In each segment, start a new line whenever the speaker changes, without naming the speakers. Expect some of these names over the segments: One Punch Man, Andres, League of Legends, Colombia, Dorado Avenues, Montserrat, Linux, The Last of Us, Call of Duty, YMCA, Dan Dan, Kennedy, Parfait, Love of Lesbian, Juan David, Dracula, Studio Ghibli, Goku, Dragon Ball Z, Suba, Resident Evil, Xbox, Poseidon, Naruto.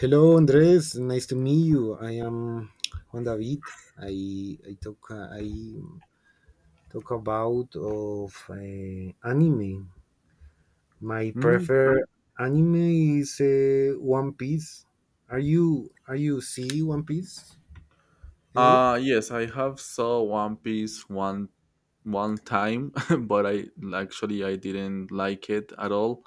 Hello, Andres. Nice to meet you. I am Juan David. I talk about of anime. My
Hmm?
preferred anime is One Piece. Are you see One Piece anyway?
Yes, I have saw One Piece one time, but I actually I didn't like it at all.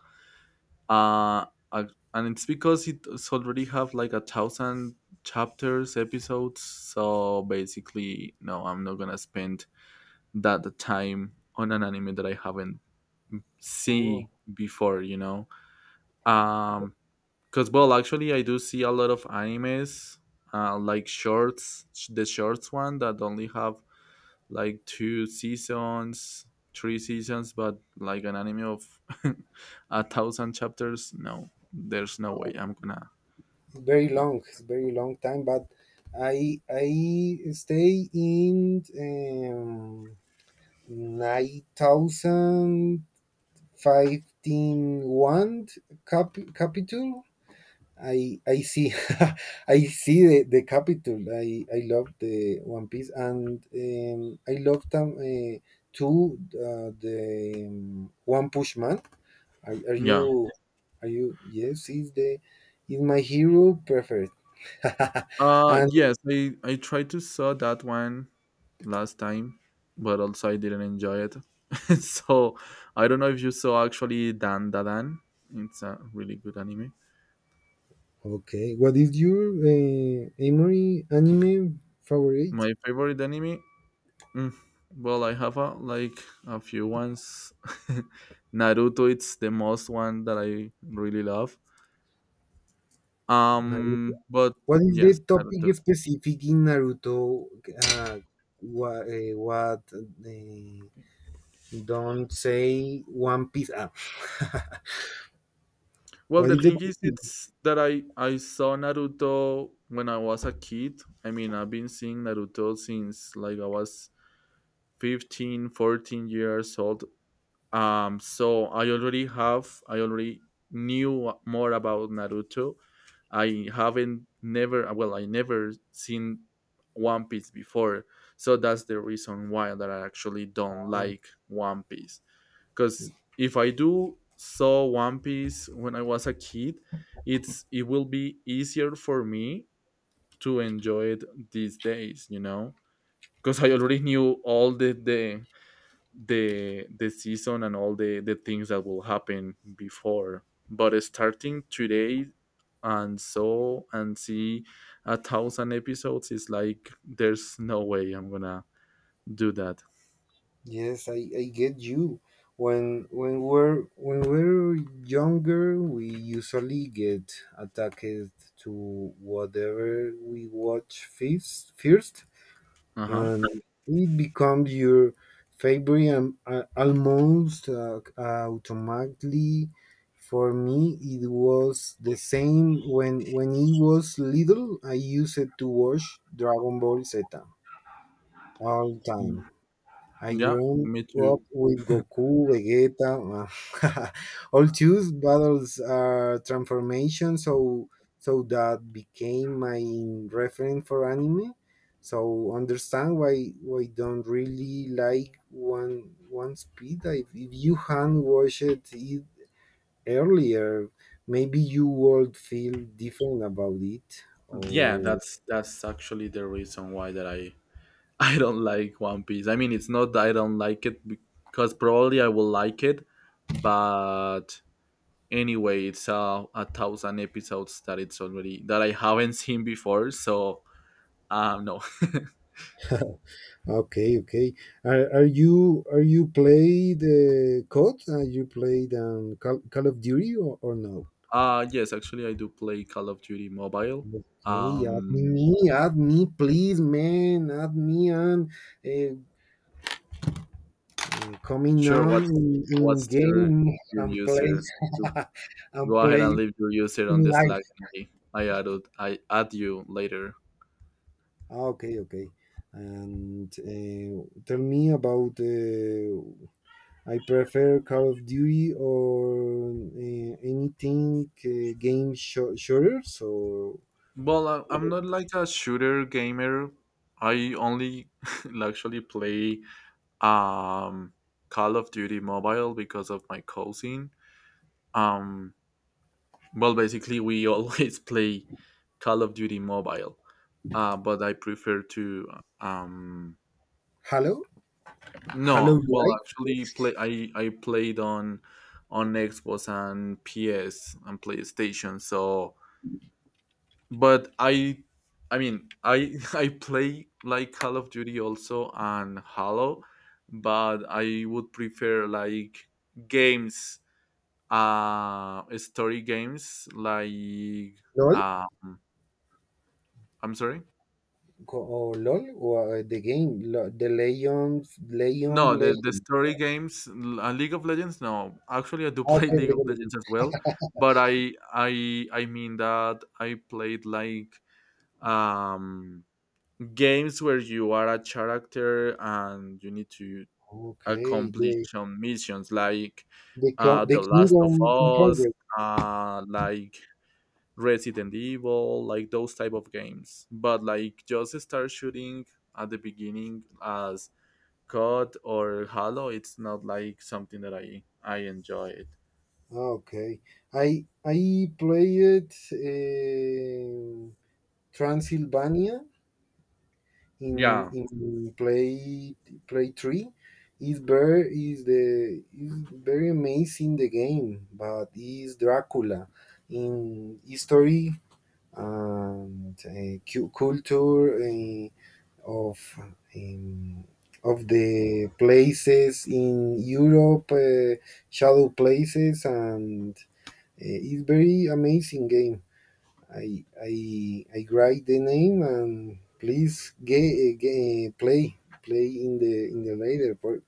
Uh, and it's because it's already have like a thousand chapters, episodes. So basically, no, I'm not gonna spend that time on an anime that I haven't seen
Oh,
before. Um, because I do see a lot of animes, like shorts, the shorts one that only have like two seasons, three seasons, but like an anime of a thousand chapters, no, there's no way I'm gonna.
very long. It's very long time, but I stay in 9,000 51 cap, Capitol. I see I see the Capitol. I love the one piece, and I love them too, the one push man. are, are
Yeah.
you are you Yes, he's the, is my hero preferred. And
Yes, I tried to saw that one last time, but also I didn't enjoy it. So I don't know if you saw actually Dan Dadan. It's a really good anime.
okay, what is your anime favorite?
My favorite anime. Mm, well, I have a, like a few ones. Naruto, it's the most one that I really love. But
What is the
yes,
topic
Naruto.
specific in Naruto? What Don't say One Piece? Ah.
Well,
What is
the
the?
thing is, it's that I saw Naruto when I was a kid. I mean, I've been seeing Naruto since like I was 15, 14 years old. Um, so I already knew more about Naruto. I haven't never uh, well I never seen one piece before, so that's the reason why that I actually don't
Um,
like One Piece, because if I do saw one piece when I was a kid, it's it will be easier for me to enjoy it these days, you know, because I already knew all the the season and all the things that will happen before, but starting today and so and see a thousand episodes is like there's no way I'm gonna do that.
yes, I get you. When we're younger, we usually get attacked to whatever we watch first. First,
Uh-huh.
and it becomes your favorite, almost automatically. For me, it was the same when it was little. I used it to watch Dragon Ball Z all
Mm,
time. I
yeah,
grew
me too.
up with Goku, Vegeta. uh, All Zeus battles are transformation, so that became my reference for anime. So understand why don't really like one speed. If you hadn't watched it earlier, maybe you would feel different about it.
Yeah,
Or...
that's actually the reason why that I I don't like One Piece. I mean, it's not that I don't like it, because probably I will like it, but anyway, it's a thousand episodes that it's already that I haven't seen before. So, no.
Okay, okay. Are you played COD? Are you played Call of Duty, or no?
Uh, yes, actually, I do play Call of Duty Mobile.
Okay,
Um,
add me, please, man, add me on. Uh, Coming
sure,
on
what's
in
your
game and play
user? You go
and
ahead and
play
leave your user on
in
the Slack
life.
and I add you later.
Okay, okay. And tell me about I prefer Call of Duty or anything, game, shooter. So...
Well, I'm not like a shooter gamer. I only actually play um Call of Duty Mobile because of my cousin. Um, well, basically, we always play Call of Duty Mobile, but I prefer to. Um,
Halo, Halo
no, well,
Live,
actually, play. I played on Xbox and PS and PlayStation. So, but I mean, I I play like Call of Duty also and Halo, but I would prefer like games, story games like
LOL,
uh, I'm sorry?
or LOL, or the game, the Legends, Legend,
No, the
Legend.
story games, League of Legends. No, actually, I do play
Okay,
League of
Legend. Legend.
Legends as well, but I mean that I played like um games where you are a character and you need to
Okay,
accomplish
the,
some missions, like
the
The Last of
Kingdom
Us,
Conquer.
like Resident Evil, like those type of games. But like just start shooting at the beginning as COD or Halo, it's not like something that I enjoy it.
Okay, I played Transylvania in
Yeah.
in play play three. Is very amazing the game, but is Dracula in history, and culture of, um, of the places in Europe, shadow places, and it's very amazing game. I write the name, and please get play in the later part.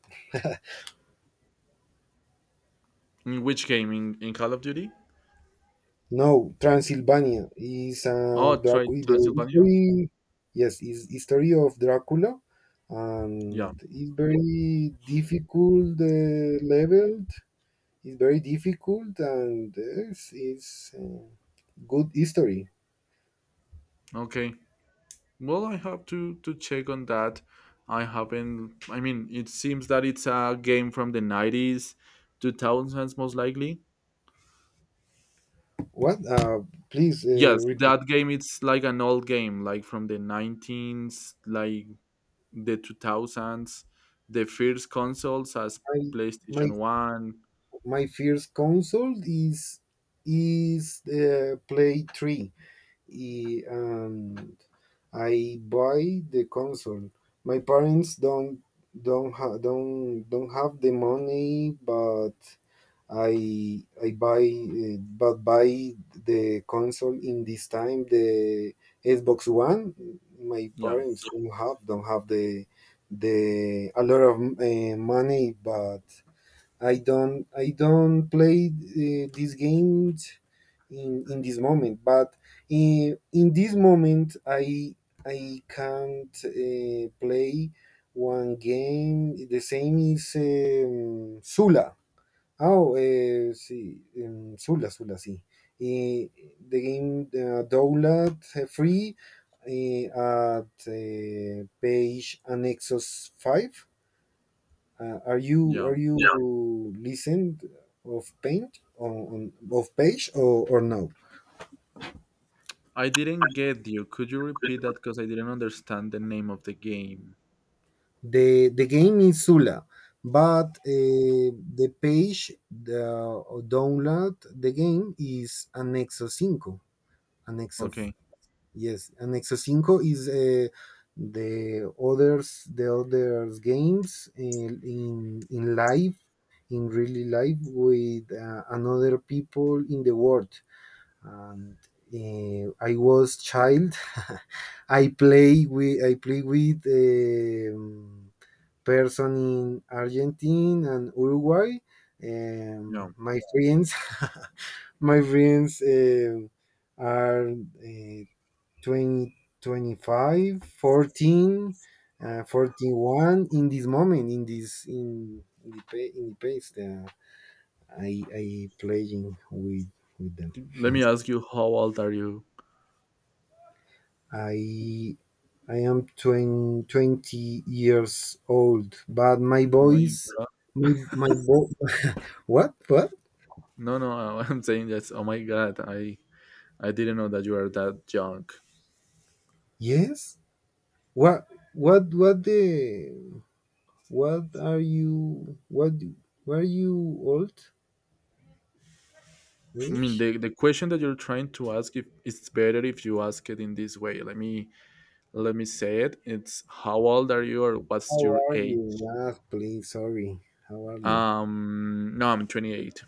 In which game? In Call of Duty?
No, Transylvania is
Oh, try
Dracula. The
Transylvania.
history, yes, is history of Dracula,
Yeah.
and it's very difficult leveled. It's very difficult, and it's good history.
Okay. Well, I have to check on that. I haven't. I mean, it seems that it's a game from the 90s, two thousands, most likely.
What? Please
Yes,
repeat.
that game. It's like an old game, like from the nineteens, like the two thousands, the first consoles as
my, my
PlayStation One.
my first console is Play 3. And I buy the console. My parents don't ha- don't have the money, but I buy the console in this time, the Xbox One. My
Yeah.
parents don't have the a lot of money, but I don't play these games in this moment, but in this moment I can't play one game. The same is Zula. Oh, sí, Zula, Zula, sí. Eh, the game download free, at page Annexos 5. Are you are
Yeah.
you Yeah, listened of paint on of page, or no?
I didn't get you. Could you repeat that? Because I didn't understand the name of the game.
The game is Zula, but the page the download the game is Anexo Cinco. Anexo f-
Okay.
yes, Anexo Cinco is the others the others games in live in really live with another people in the world. And I was child. I play with person in Argentina and Uruguay.
No.
My friends, my friends, are 20, 25, 14, 41 in this moment, in this in the pa- in the pace that I playing with them.
Let me ask you. How old are you?
I I am 20, 20 years old, but my
Oh my
voice,
God.
my, my vo- what, what?
No, no. I'm saying that, oh my God. I didn't know that you are that young.
Yes, what, what, what the, what are you, were you old?
I mean,
Which?
the question that you're trying to ask if it's better if you ask it in this way. Let me say it. It's how old are you or what's
How
your
are
age?
you? Ah, please, sorry. How are you?
No, I'm 28.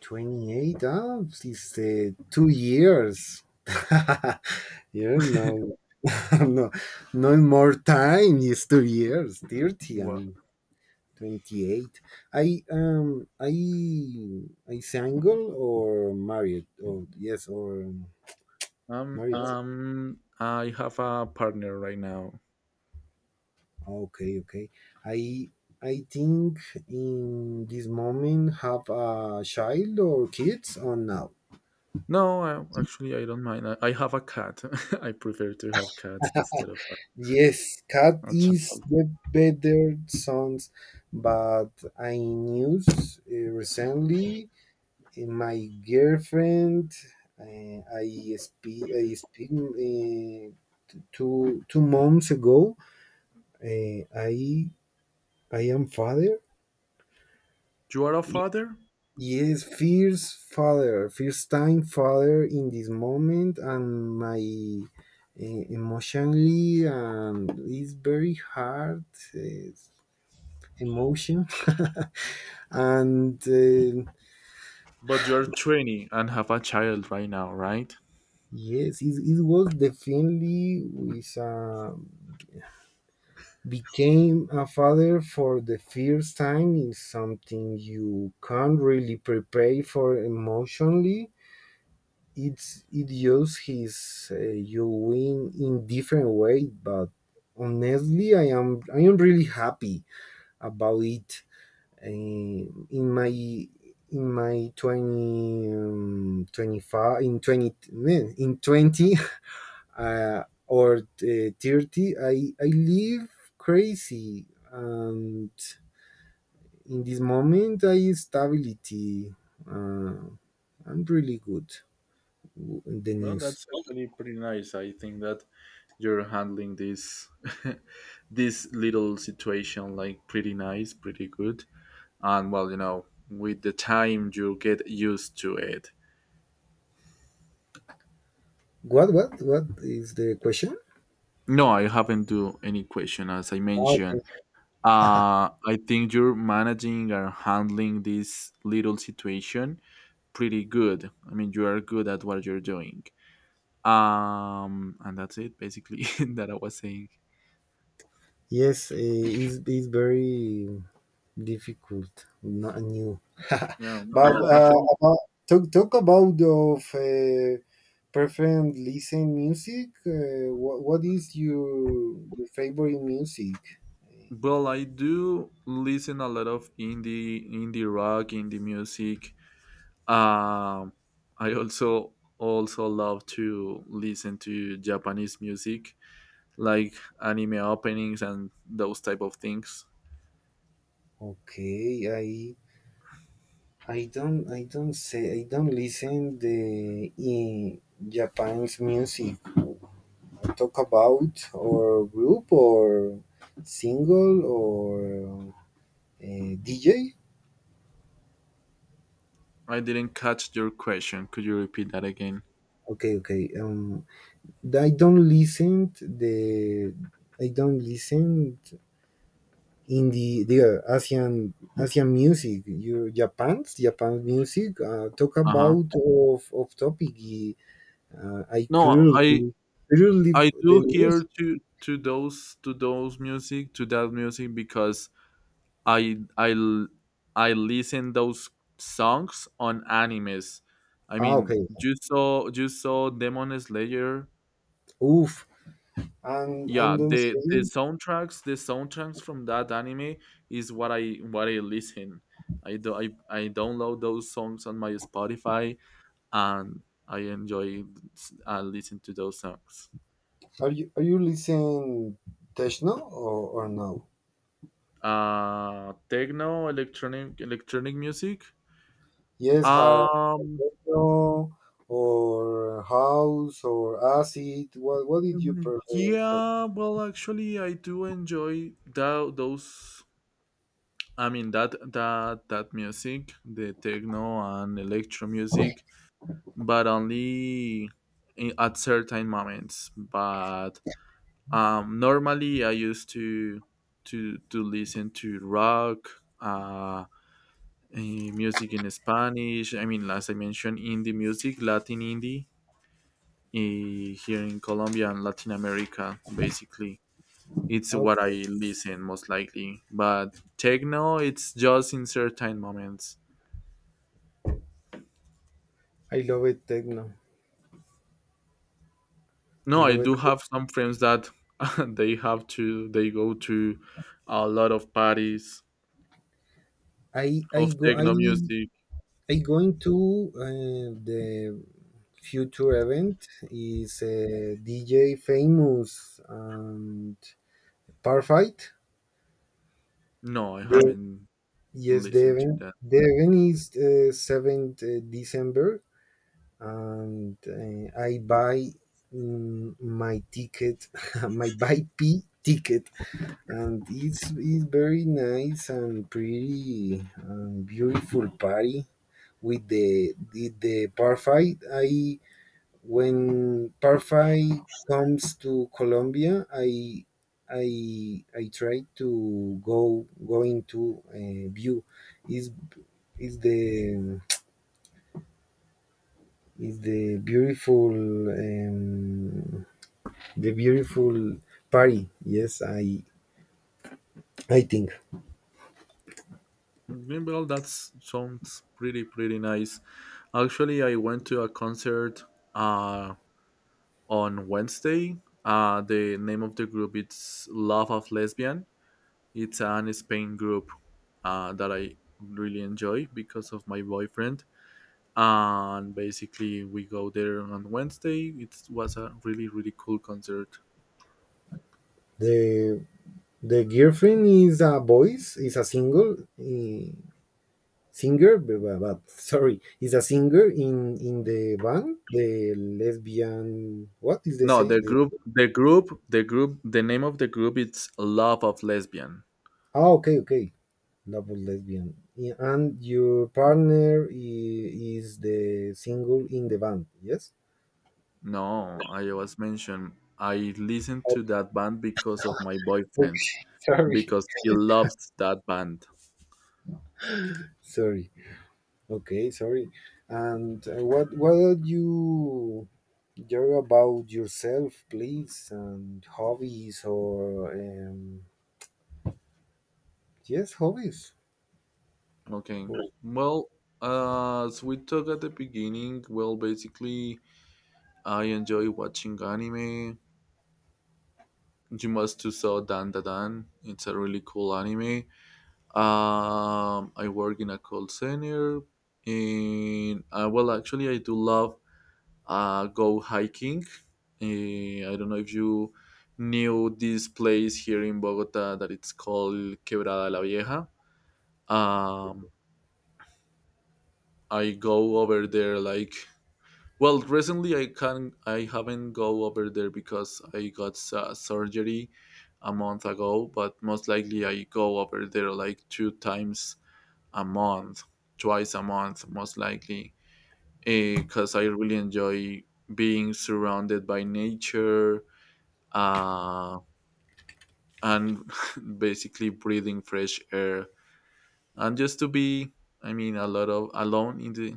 28? Ah, it's 2 years. you know, no, no more time. It's 2 years, 30.
Well,
I 28. I I single or married? Or yes, or married.
I have a partner right now.
Okay, okay. I I think in this moment have a child or kids or now.
No, I, actually, I don't mind. I have a cat. I prefer to have cats instead of
Yes, cat
a
is
child.
the better sons, but I news recently my girlfriend. I speak two months ago. Uh, I I am father.
You are a father,
Yes, first time father in this moment, and my emotionally, and it's very hard uh, emotion. And
but you're 20 and have a child right now, right?
yes, it was definitely with a... Became a father for the first time is something you can't really prepare for emotionally. It uses his, you win in different way, but honestly, I am really happy about it. Um, in my in my 20, 25, in 20 man, in 20, or 30, I live crazy. And in this moment, I stability, uh, I'm really good, in the
Well,
news.
that's actually pretty nice. I think that you're handling this this little situation like pretty nice, pretty good. And well, you know, with the time you get used to it.
What what is the question?
No, I haven't do any question as I
Oh, okay.
mentioned. I think you're managing or handling this little situation pretty good. I mean, you are good at what you're doing. And that's it basically that I was saying.
Yes, it's very difficult, not new.
No, no,
But
no, no, actually,
about, talk about of preferred listen music. What what, is your favorite music?
well, I do listen a lot of indie, indie rock, indie music. Um, I also love to listen to Japanese music, like anime openings and those type of things.
Okay, I don't listen the in Japan's music. Talk about or group or single or DJ.
I didn't catch your question. Could you repeat that again?
Okay, okay. I don't listen the I don't listen in the Asian music. Your Japan's music. Talk
Uh huh.
about of topic. I
No, I
currently the
do hear
music.
to those to those music to that music because I I l- I listen those songs on animes. I
Ah,
mean,
okay.
you saw Demon Slayer.
Oof. And
Yeah,
and then
the
saying,
soundtracks the soundtracks from that anime is what I listen. I do I download those songs on my Spotify and I enjoy listening to those songs.
are you listening techno, or no?
Techno, electronic music.
Yes,
Um,
techno or house or acid. What did you
mhm,
prefer?
yeah. Well, actually, I do enjoy those. I mean that that music, the techno and electro music, but only in, at certain moments. But normally, I used to to listen to rock. Music in Spanish. I mean, as I mentioned, indie music, Latin indie here in Colombia and Latin America, basically. It's what I
Okay,
listen most likely. But techno, it's just in certain moments.
I love it techno. I
No, I
love it.
do have some friends that they go to a lot of parties
I
of
go
techno music.
I going to the future event is a DJ famous. Parfait.
No, I
The,
haven't
yes,
listened to that.
the event is seventh December. And I buy, my ticket, my buy P ticket. And it's very nice and pretty and beautiful party with the parfait. I When Parfait comes to Colombia, I try to go going to view is is the is the beautiful, the beautiful party. Yes, I think
Mm, yeah. Well, that sounds pretty pretty nice. Actually, I went to a concert uh, on Wednesday. The name of the group is Love of Lesbian. It's an Spain group that I really enjoy because of my boyfriend. And basically, we go there on Wednesday. It was a really really cool concert.
the the girlfriend is a voice is a single. Singer, sorry, is a singer in the band, the lesbian. What is the
No,
same?
the group. The name of the group is Love of Lesbian.
Oh, okay, okay, double lesbian. Yeah, and your partner, is the single in the band. Yes.
No, I was mentioned. I listened to
Okay,
that band because of my boyfriend,
sorry,
because he loves that band.
sorry. Okay, sorry. And what are you? You're about yourself, please, and hobbies or yes, hobbies.
Okay.
Or,
Well, as we talked at the beginning, well, basically, I enjoy watching anime. You must to saw Dan Da Dan. It's a really cool anime. I work in a call center, and I do love go hiking. I don't know if you knew this place here in Bogota that it's called Quebrada la Vieja. Um, I go over there like well recently I can I haven't go over there because I got surgery a month ago, but most likely I go over there like two times a month, twice a month most likely, because I really enjoy being surrounded by nature, uh, and basically breathing fresh air and just to be I mean a lot of alone in the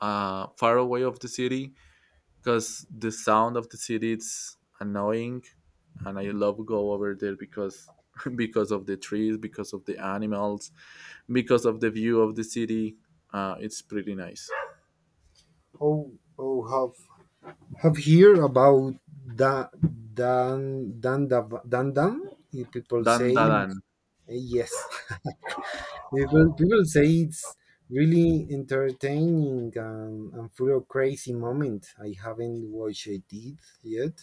far away of the city, because the sound of the city it's annoying, and I love go over there because because of the trees, because of the animals, because of the view of the city. It's pretty nice.
oh, or have... Have heard about da dan dan? People
Dan
say
Dadan.
yes. People say it's really entertaining, and full of crazy moment. I haven't watched it yet,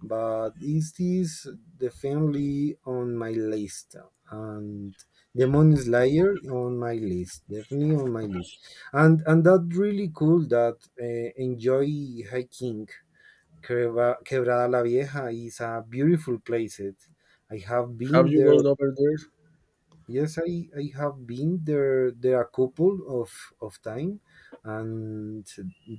but is this definitely on my list, and Demon Slayer on my list, definitely on my list. And that really cool that enjoy hiking. Quebrada La Vieja is a beautiful place. I have
Have
been
you
there.
gone over there?
Yes, I have been there a couple of, of time, and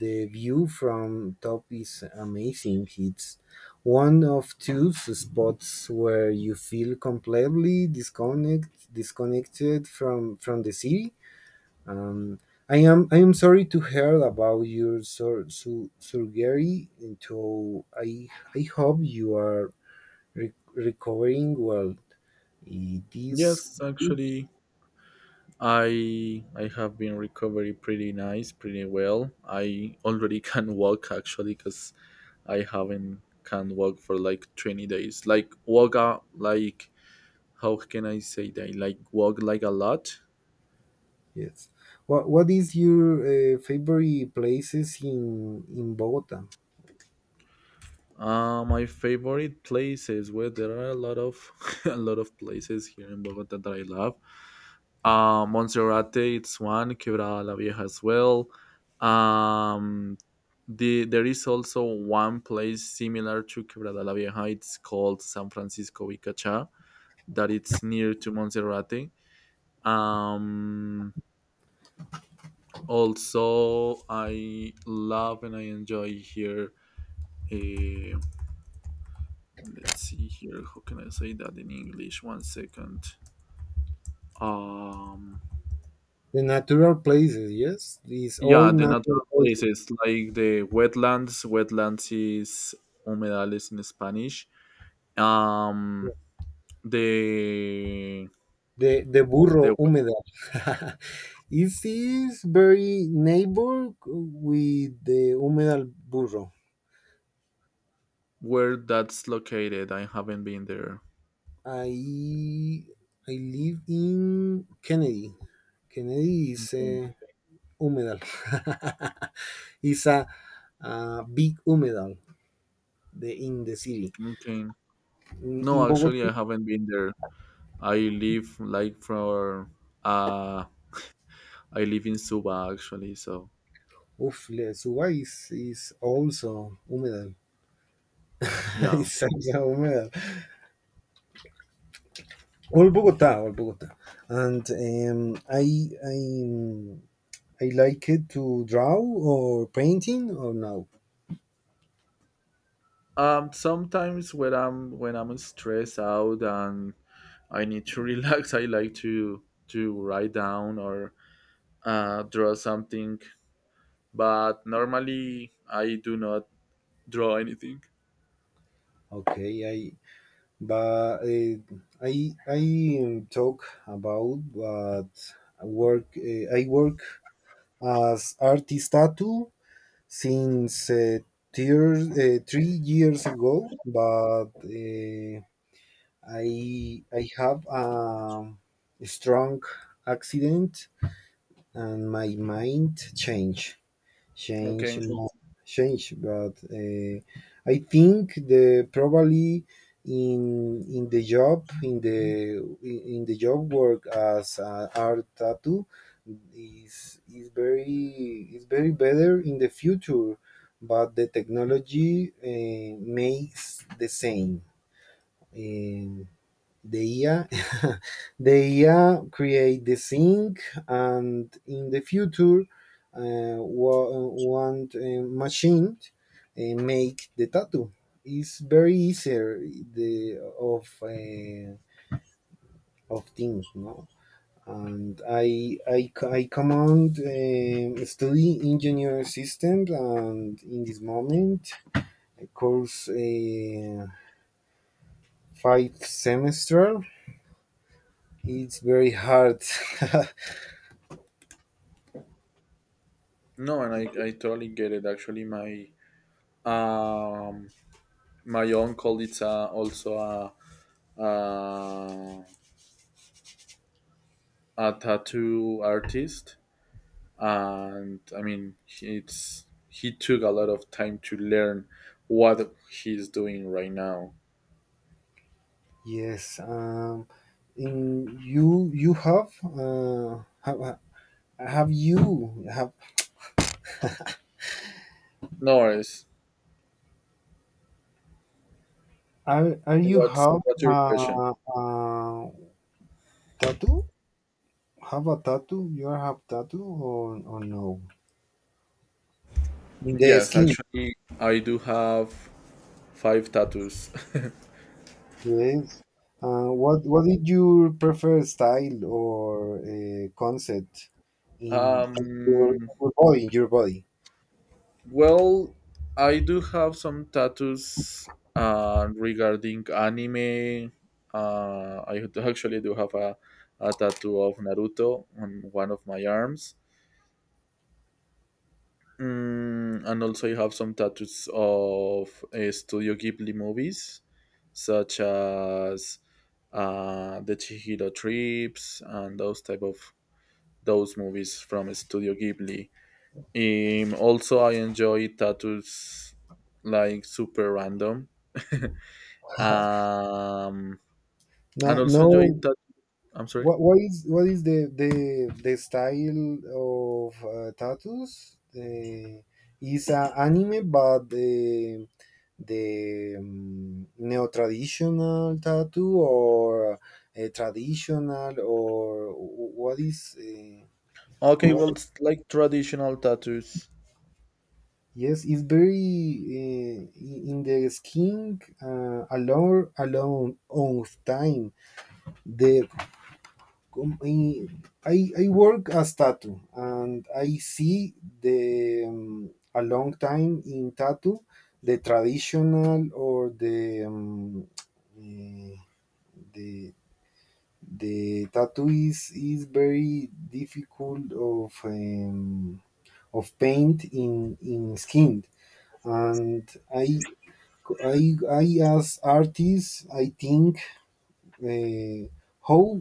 the view from top is amazing. It's one of two spots where you feel completely disconnected from the city. um, I am sorry to hear about your surgery. And so I hope you are recovering well. It is,
Yes, actually, I have been recovering pretty nice, pretty well. I already can walk actually, because I haven't can walk for like 20 days. Like walk out, like how can I say that? Like walk like a lot.
yes. What is your favorite places in Bogota?
My favorite places where there are a lot of a lot of places here in Bogota that I love. Montserrat, it's one. Quebrada la Vieja as well. Um, the, there is also one place similar to Quebrada la Vieja. It's called San Francisco Vicacha, that it's near to Montserrat. Um, Also, I love and I enjoy here. eh, let's see here. How can I say that in English? One second. Um,
The natural places, yes. These all
Yeah, the
natural
natural
places.
places like the wetlands. Wetlands is humedales in Spanish. Um,
Yes.
the
The burro
the
humedal. It is very neighbor with the humedal burro.
Where that's located? I haven't been there.
I I live in Kennedy. Kennedy is
Okay,
a humedal. It's a big humedal, in the city.
okay.
In
No, actually,
Bogota.
I haven't been there. I live like for uh, I live in Suba actually. So
Suba is also humedal.
yeah.
It's also humedal. All Bogota, all Bogota. And I like it to draw or painting or no.
Sometimes when I'm stressed out and I need to relax, I like to write down or draw something, but normally I do not draw anything.
Okay, but I talk about what I work as artist tattoo since 3 years ago. But I have a strong accident, and my mind changed, change
Okay.
mo- change. But I think the probably in in the job in the in the job work as art tattoo is very better in the future. But the technology makes the same, eh, the IA, the IA create the thing. And in the future, one machine make the tattoo. It's very easier the of things, no. And I command study engineer systems. And in this moment, I course five semester. It's very hard.
No, and I totally get it. Actually, my um my uncle is also a, a a tattoo artist, and I mean he- it's he took a lot of time to learn what he's doing right now.
Yes. In you have, have you have,
No worries.
are you
What's
have
what's your question?
tattoo? Have a tattoo? You have tattoo or no? In the
Yes,
skin.
actually, I do have five tattoos.
Yes. What did you prefer style or concept in
Um,
your body? In your body.
well, I do have some tattoos regarding anime. Actually do have a tattoo of Naruto on one of my arms. Mm, and also, I have some tattoos of Studio Ghibli movies, such as the Chihiro Trips and those type of those movies from Studio Ghibli. Also, I enjoy tattoos like super random. Um, and
No
also enjoy
no
that. I'm sorry.
What is the style of tattoos? Is anime, but the neo traditional tattoo or traditional or
Okay,
what?
well, it's like traditional tattoos.
Yes, it's very in the skin alone on time. The com- I work as tattoo and I see the a long time in tattoo the traditional or the the tattoo is very difficult of paint in skin and I I I as artist I think uh, how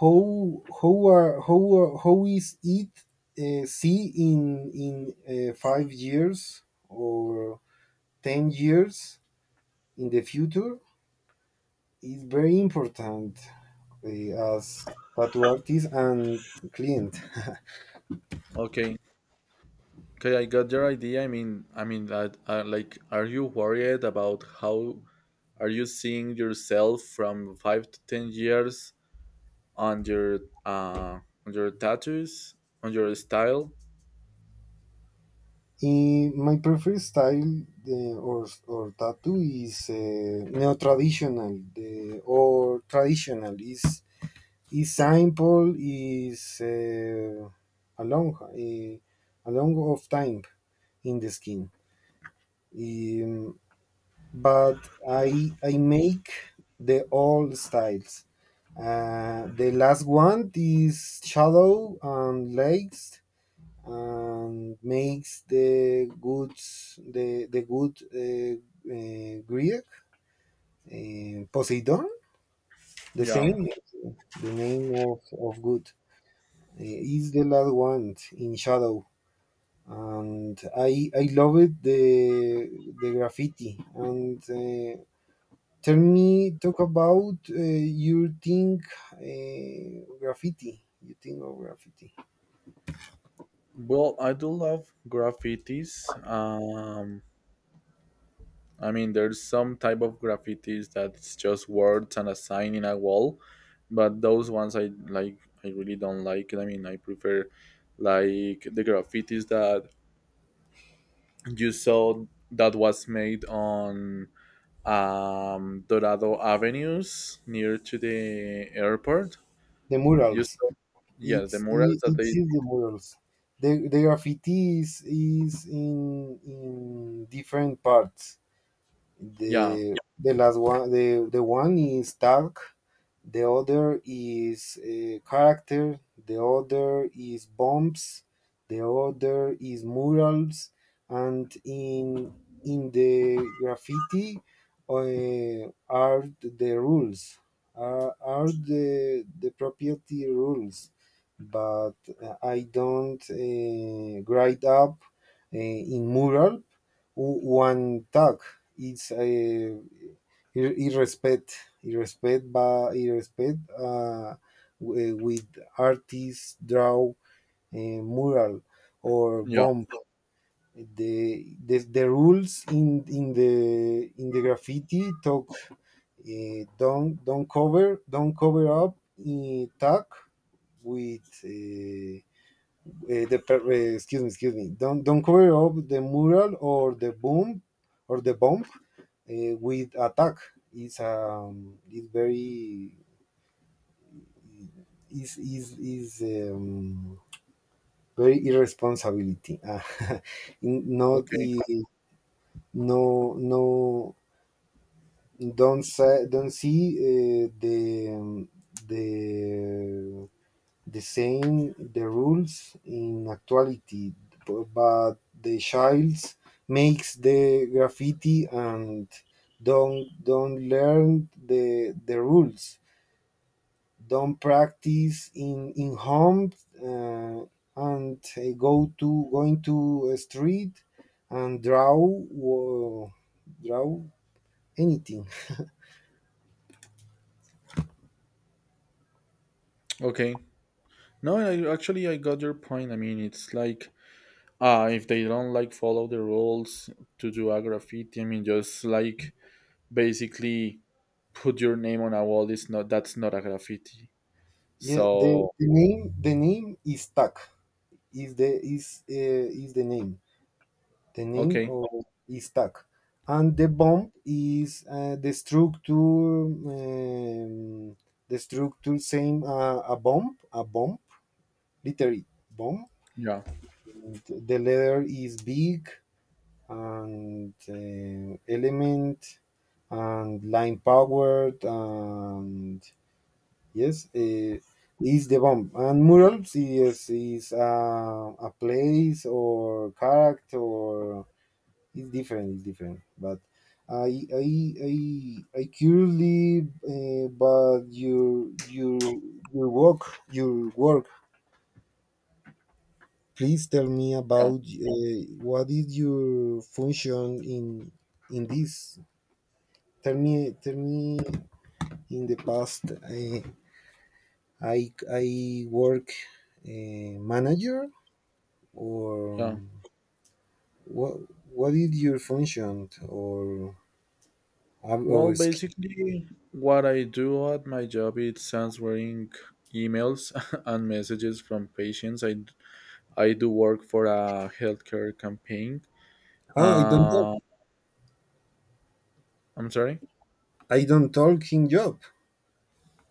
how is it see in 5 years or 10 years in the future is very important as tattoo artist and client.
Okay, okay, I got your idea. I mean that. Like, are you worried about how are you seeing yourself from 5 to 10 years on your uh on your tattoos on your style?
In my preferred style or tattoo is neo traditional. The or traditional is Saint Paul, is a long eh, a long of time in the skin. Um, but I make the all styles. The last one is shallow and legs and makes the good the good Greek Poseidon the
Yeah.
same, the name of good. Is the last one in shadow. And I love it. The graffiti, and tell me, talk about your think graffiti. You think of graffiti?
Well, I do love graffitis. I mean, there's some type of graffitis that's just words and a sign in a wall, but those ones I like. I really don't like it. I mean, I prefer like the graffitis that you saw that was made on Dorado Avenues near to the airport.
The
You
murals.
saw, yes, the
it's
murals
it,
that
it's
they.
just the murals. The graffiti, is in different parts.
Yeah,
The last one, the one is dark. The other is character, the other is bombs, the other is murals. And in the graffiti are the rules, are the property rules. But I don't write up in mural one tag. It's irrespect irrespect by irrespect, with artists draw a mural or
yeah.
bomb. The rules in the graffiti talk, don't cover up tag with excuse me, excuse me. Don't cover up the mural or the boom or the bump with attack. It's very, is very irresponsibility. Ah, not
Okay,
the. No, no, don't see the the same, the rules in actuality. But the child makes the graffiti and don't learn the rules, don't practice in home, uh, and go to going to a street and draw draw anything.
okay. No, I, actually, I got your point. I mean, it's like if they don't like follow the rules to do a graffiti. I mean, just like basically put your name on a wall is not, that's not a graffiti.
Yeah,
So
the name is stuck, is the name, the name
okay,
of is tag. And the bomb is the structure, um, the structure same a bomb, literally, bomb.
yeah,
And the letter is big and element and line powered. And yes, is the bomb. And murals is a place or character. Or it's different, it's different, but I curiously, but your work, your work please tell me
yeah,
about what is your function in this. Tell me, in the past I work manager or
yeah.
what what is your function
Well,
or skill?
basically what I do at my job is answering emails and messages from patients. I do work for a healthcare campaign.
Ah, I don't know.
uh I'm sorry.
I don't talk in job,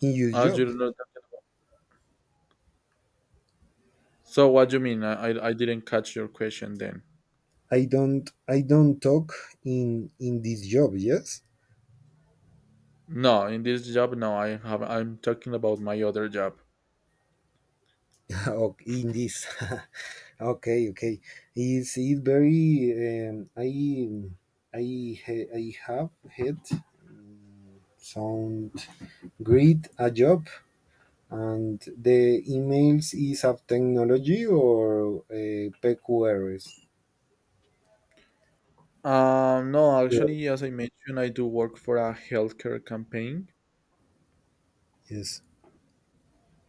in your
You
job.
don't know what I'm talking about. So what do you mean? I didn't catch your question then.
I don't talk in this job, yes?
No, in this job, no, I have. I'm talking about my other job.
Oh, in this. Okay, okay. It's it very. I have had um, some great a job, and the emails is of technology or PQRs.
No, actually, as I mentioned, I do work for a healthcare campaign.
Yes,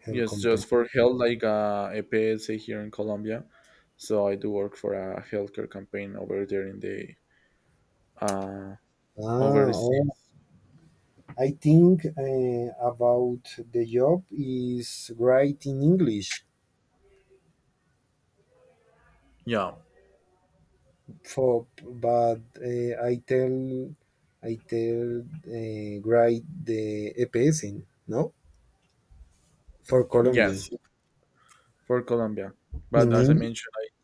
her
Yes,
company.
just for health, like a PSA here in Colombia. So I do work for a healthcare campaign over there in the uh
Ah,
overseas.
oh, I think about the job is great in English,
Yeah,
for, but I tell great the EPS in no for Colombia
yes, for Colombia. But
in
as I
English.
mentioned,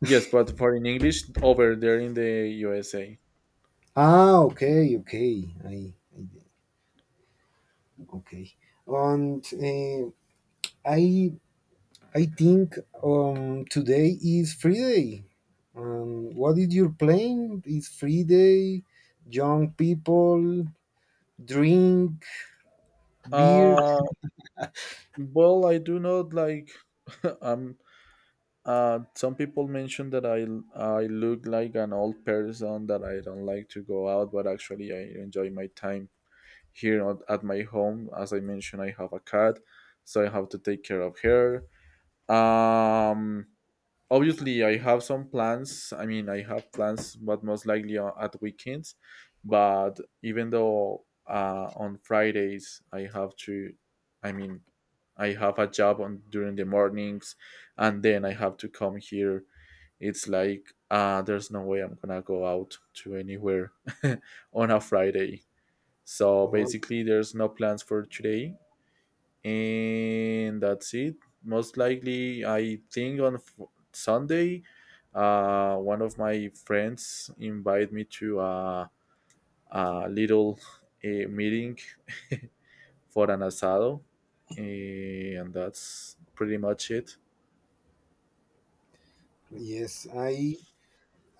yes, but for in English over there in the USA.
Ah, okay, okay, I, okay, and I I think today is Friday. What is your plan? Is Friday, young people drink beer.
Uh, well, I do not like. I'm some people mention that I look like an old person that I don't like to go out, but actually I enjoy my time here at my home. As I mentioned, I have a cat, so I have to take care of her. Um, Obviously I have some plans. I mean, I have plans, but most likely at weekends. But even though on Fridays I have to, I mean, I have a job on during the mornings, and then I have to come here. It's like there's no way I'm gonna go out to anywhere on a Friday. So
Oh,
basically there's no plans for today, and that's it. Most likely I think on Sunday one of my friends invited me to a little a meeting for an asado, and that's pretty much it.
yes, I,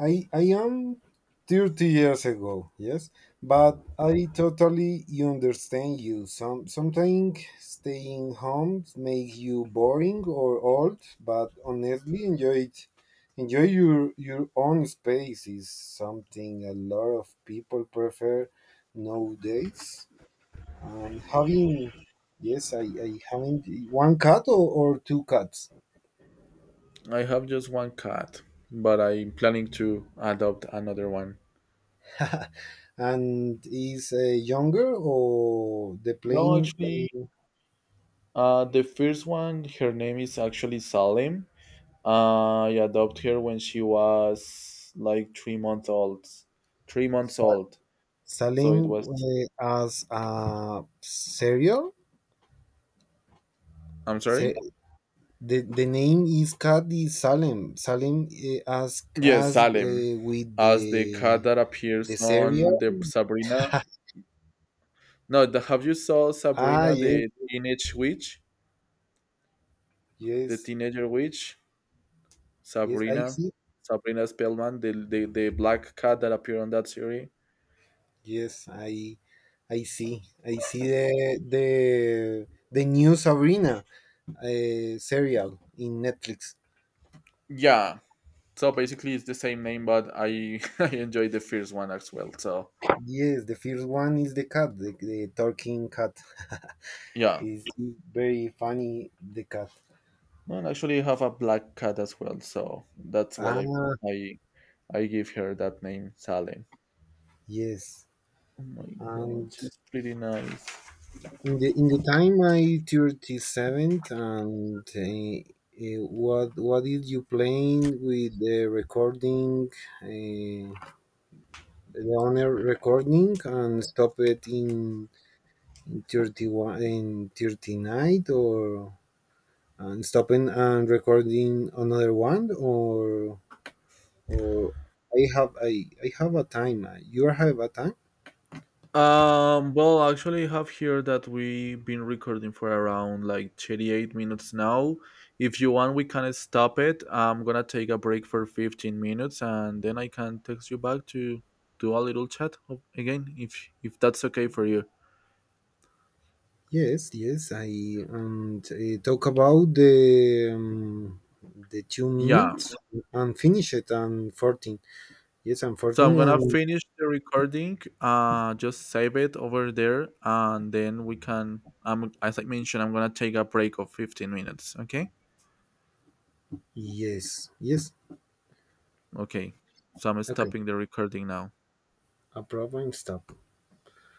I, I am 30 years ago, yes, but I totally understand you. Sometimes staying home makes you boring or old, but honestly, enjoy it. Enjoy your own space is something a lot of people prefer nowadays. And having, yes, I having one cat, or two cats.
I have just one cat, but I'm planning to adopt another one.
And is younger or the
No,
plane,
actually, the first one, her name is actually Salem. I adopted her when she was like 3 months old. 3 months
sa-
old. So it
selling,
was.
as a cereal?
I'm sorry?
Se- the name is Kadi Salem. Salem, as
Yes,
as
Salem,
with
as the cat that appears
the
on
cereal.
the Sabrina. No, the, have you saw
Ah,
Sabrina,
yes,
the teenage witch? The
yes
teenager witch?
yes, I
Sabrina?
see.
Sabrina Spellman, the black cat that appeared on that series?
Yes, I see. I see the new Sabrina serial in Netflix.
Yeah, so basically, it's the same name, but I I enjoy the first one as well. So
Yes, the first one is the cat, the talking cat.
yeah,
It's very funny, the cat.
and actually I have a black cat as well. So that's why
Ah,
I I give her that name, Sally.
yes.
Oh my
And
god, she's pretty nice.
in the time I 37th, and what is you playing with the recording, uh, the owner recording, and stop it in 31 in 39, or and stopping and recording another one, or or. I have a time. You have a time?
Well, actually, I have here that we've been recording for around like 38 minutes now. If you want, we can stop it. I'm gonna take a break for 15 minutes, and then I can text you back to do a little chat again if that's okay for you.
Yes, yes. I and talk about the two
Yeah.
minutes and finish it on 14. Yes, and
So
14
I'm gonna
and
finish the recording. Just save it over there, and then we can. As I mentioned, I'm gonna take a break of 15 minutes. Okay.
yes, yes.
Okay. So I'm
Okay,
stopping the recording now.
a problem. Stop.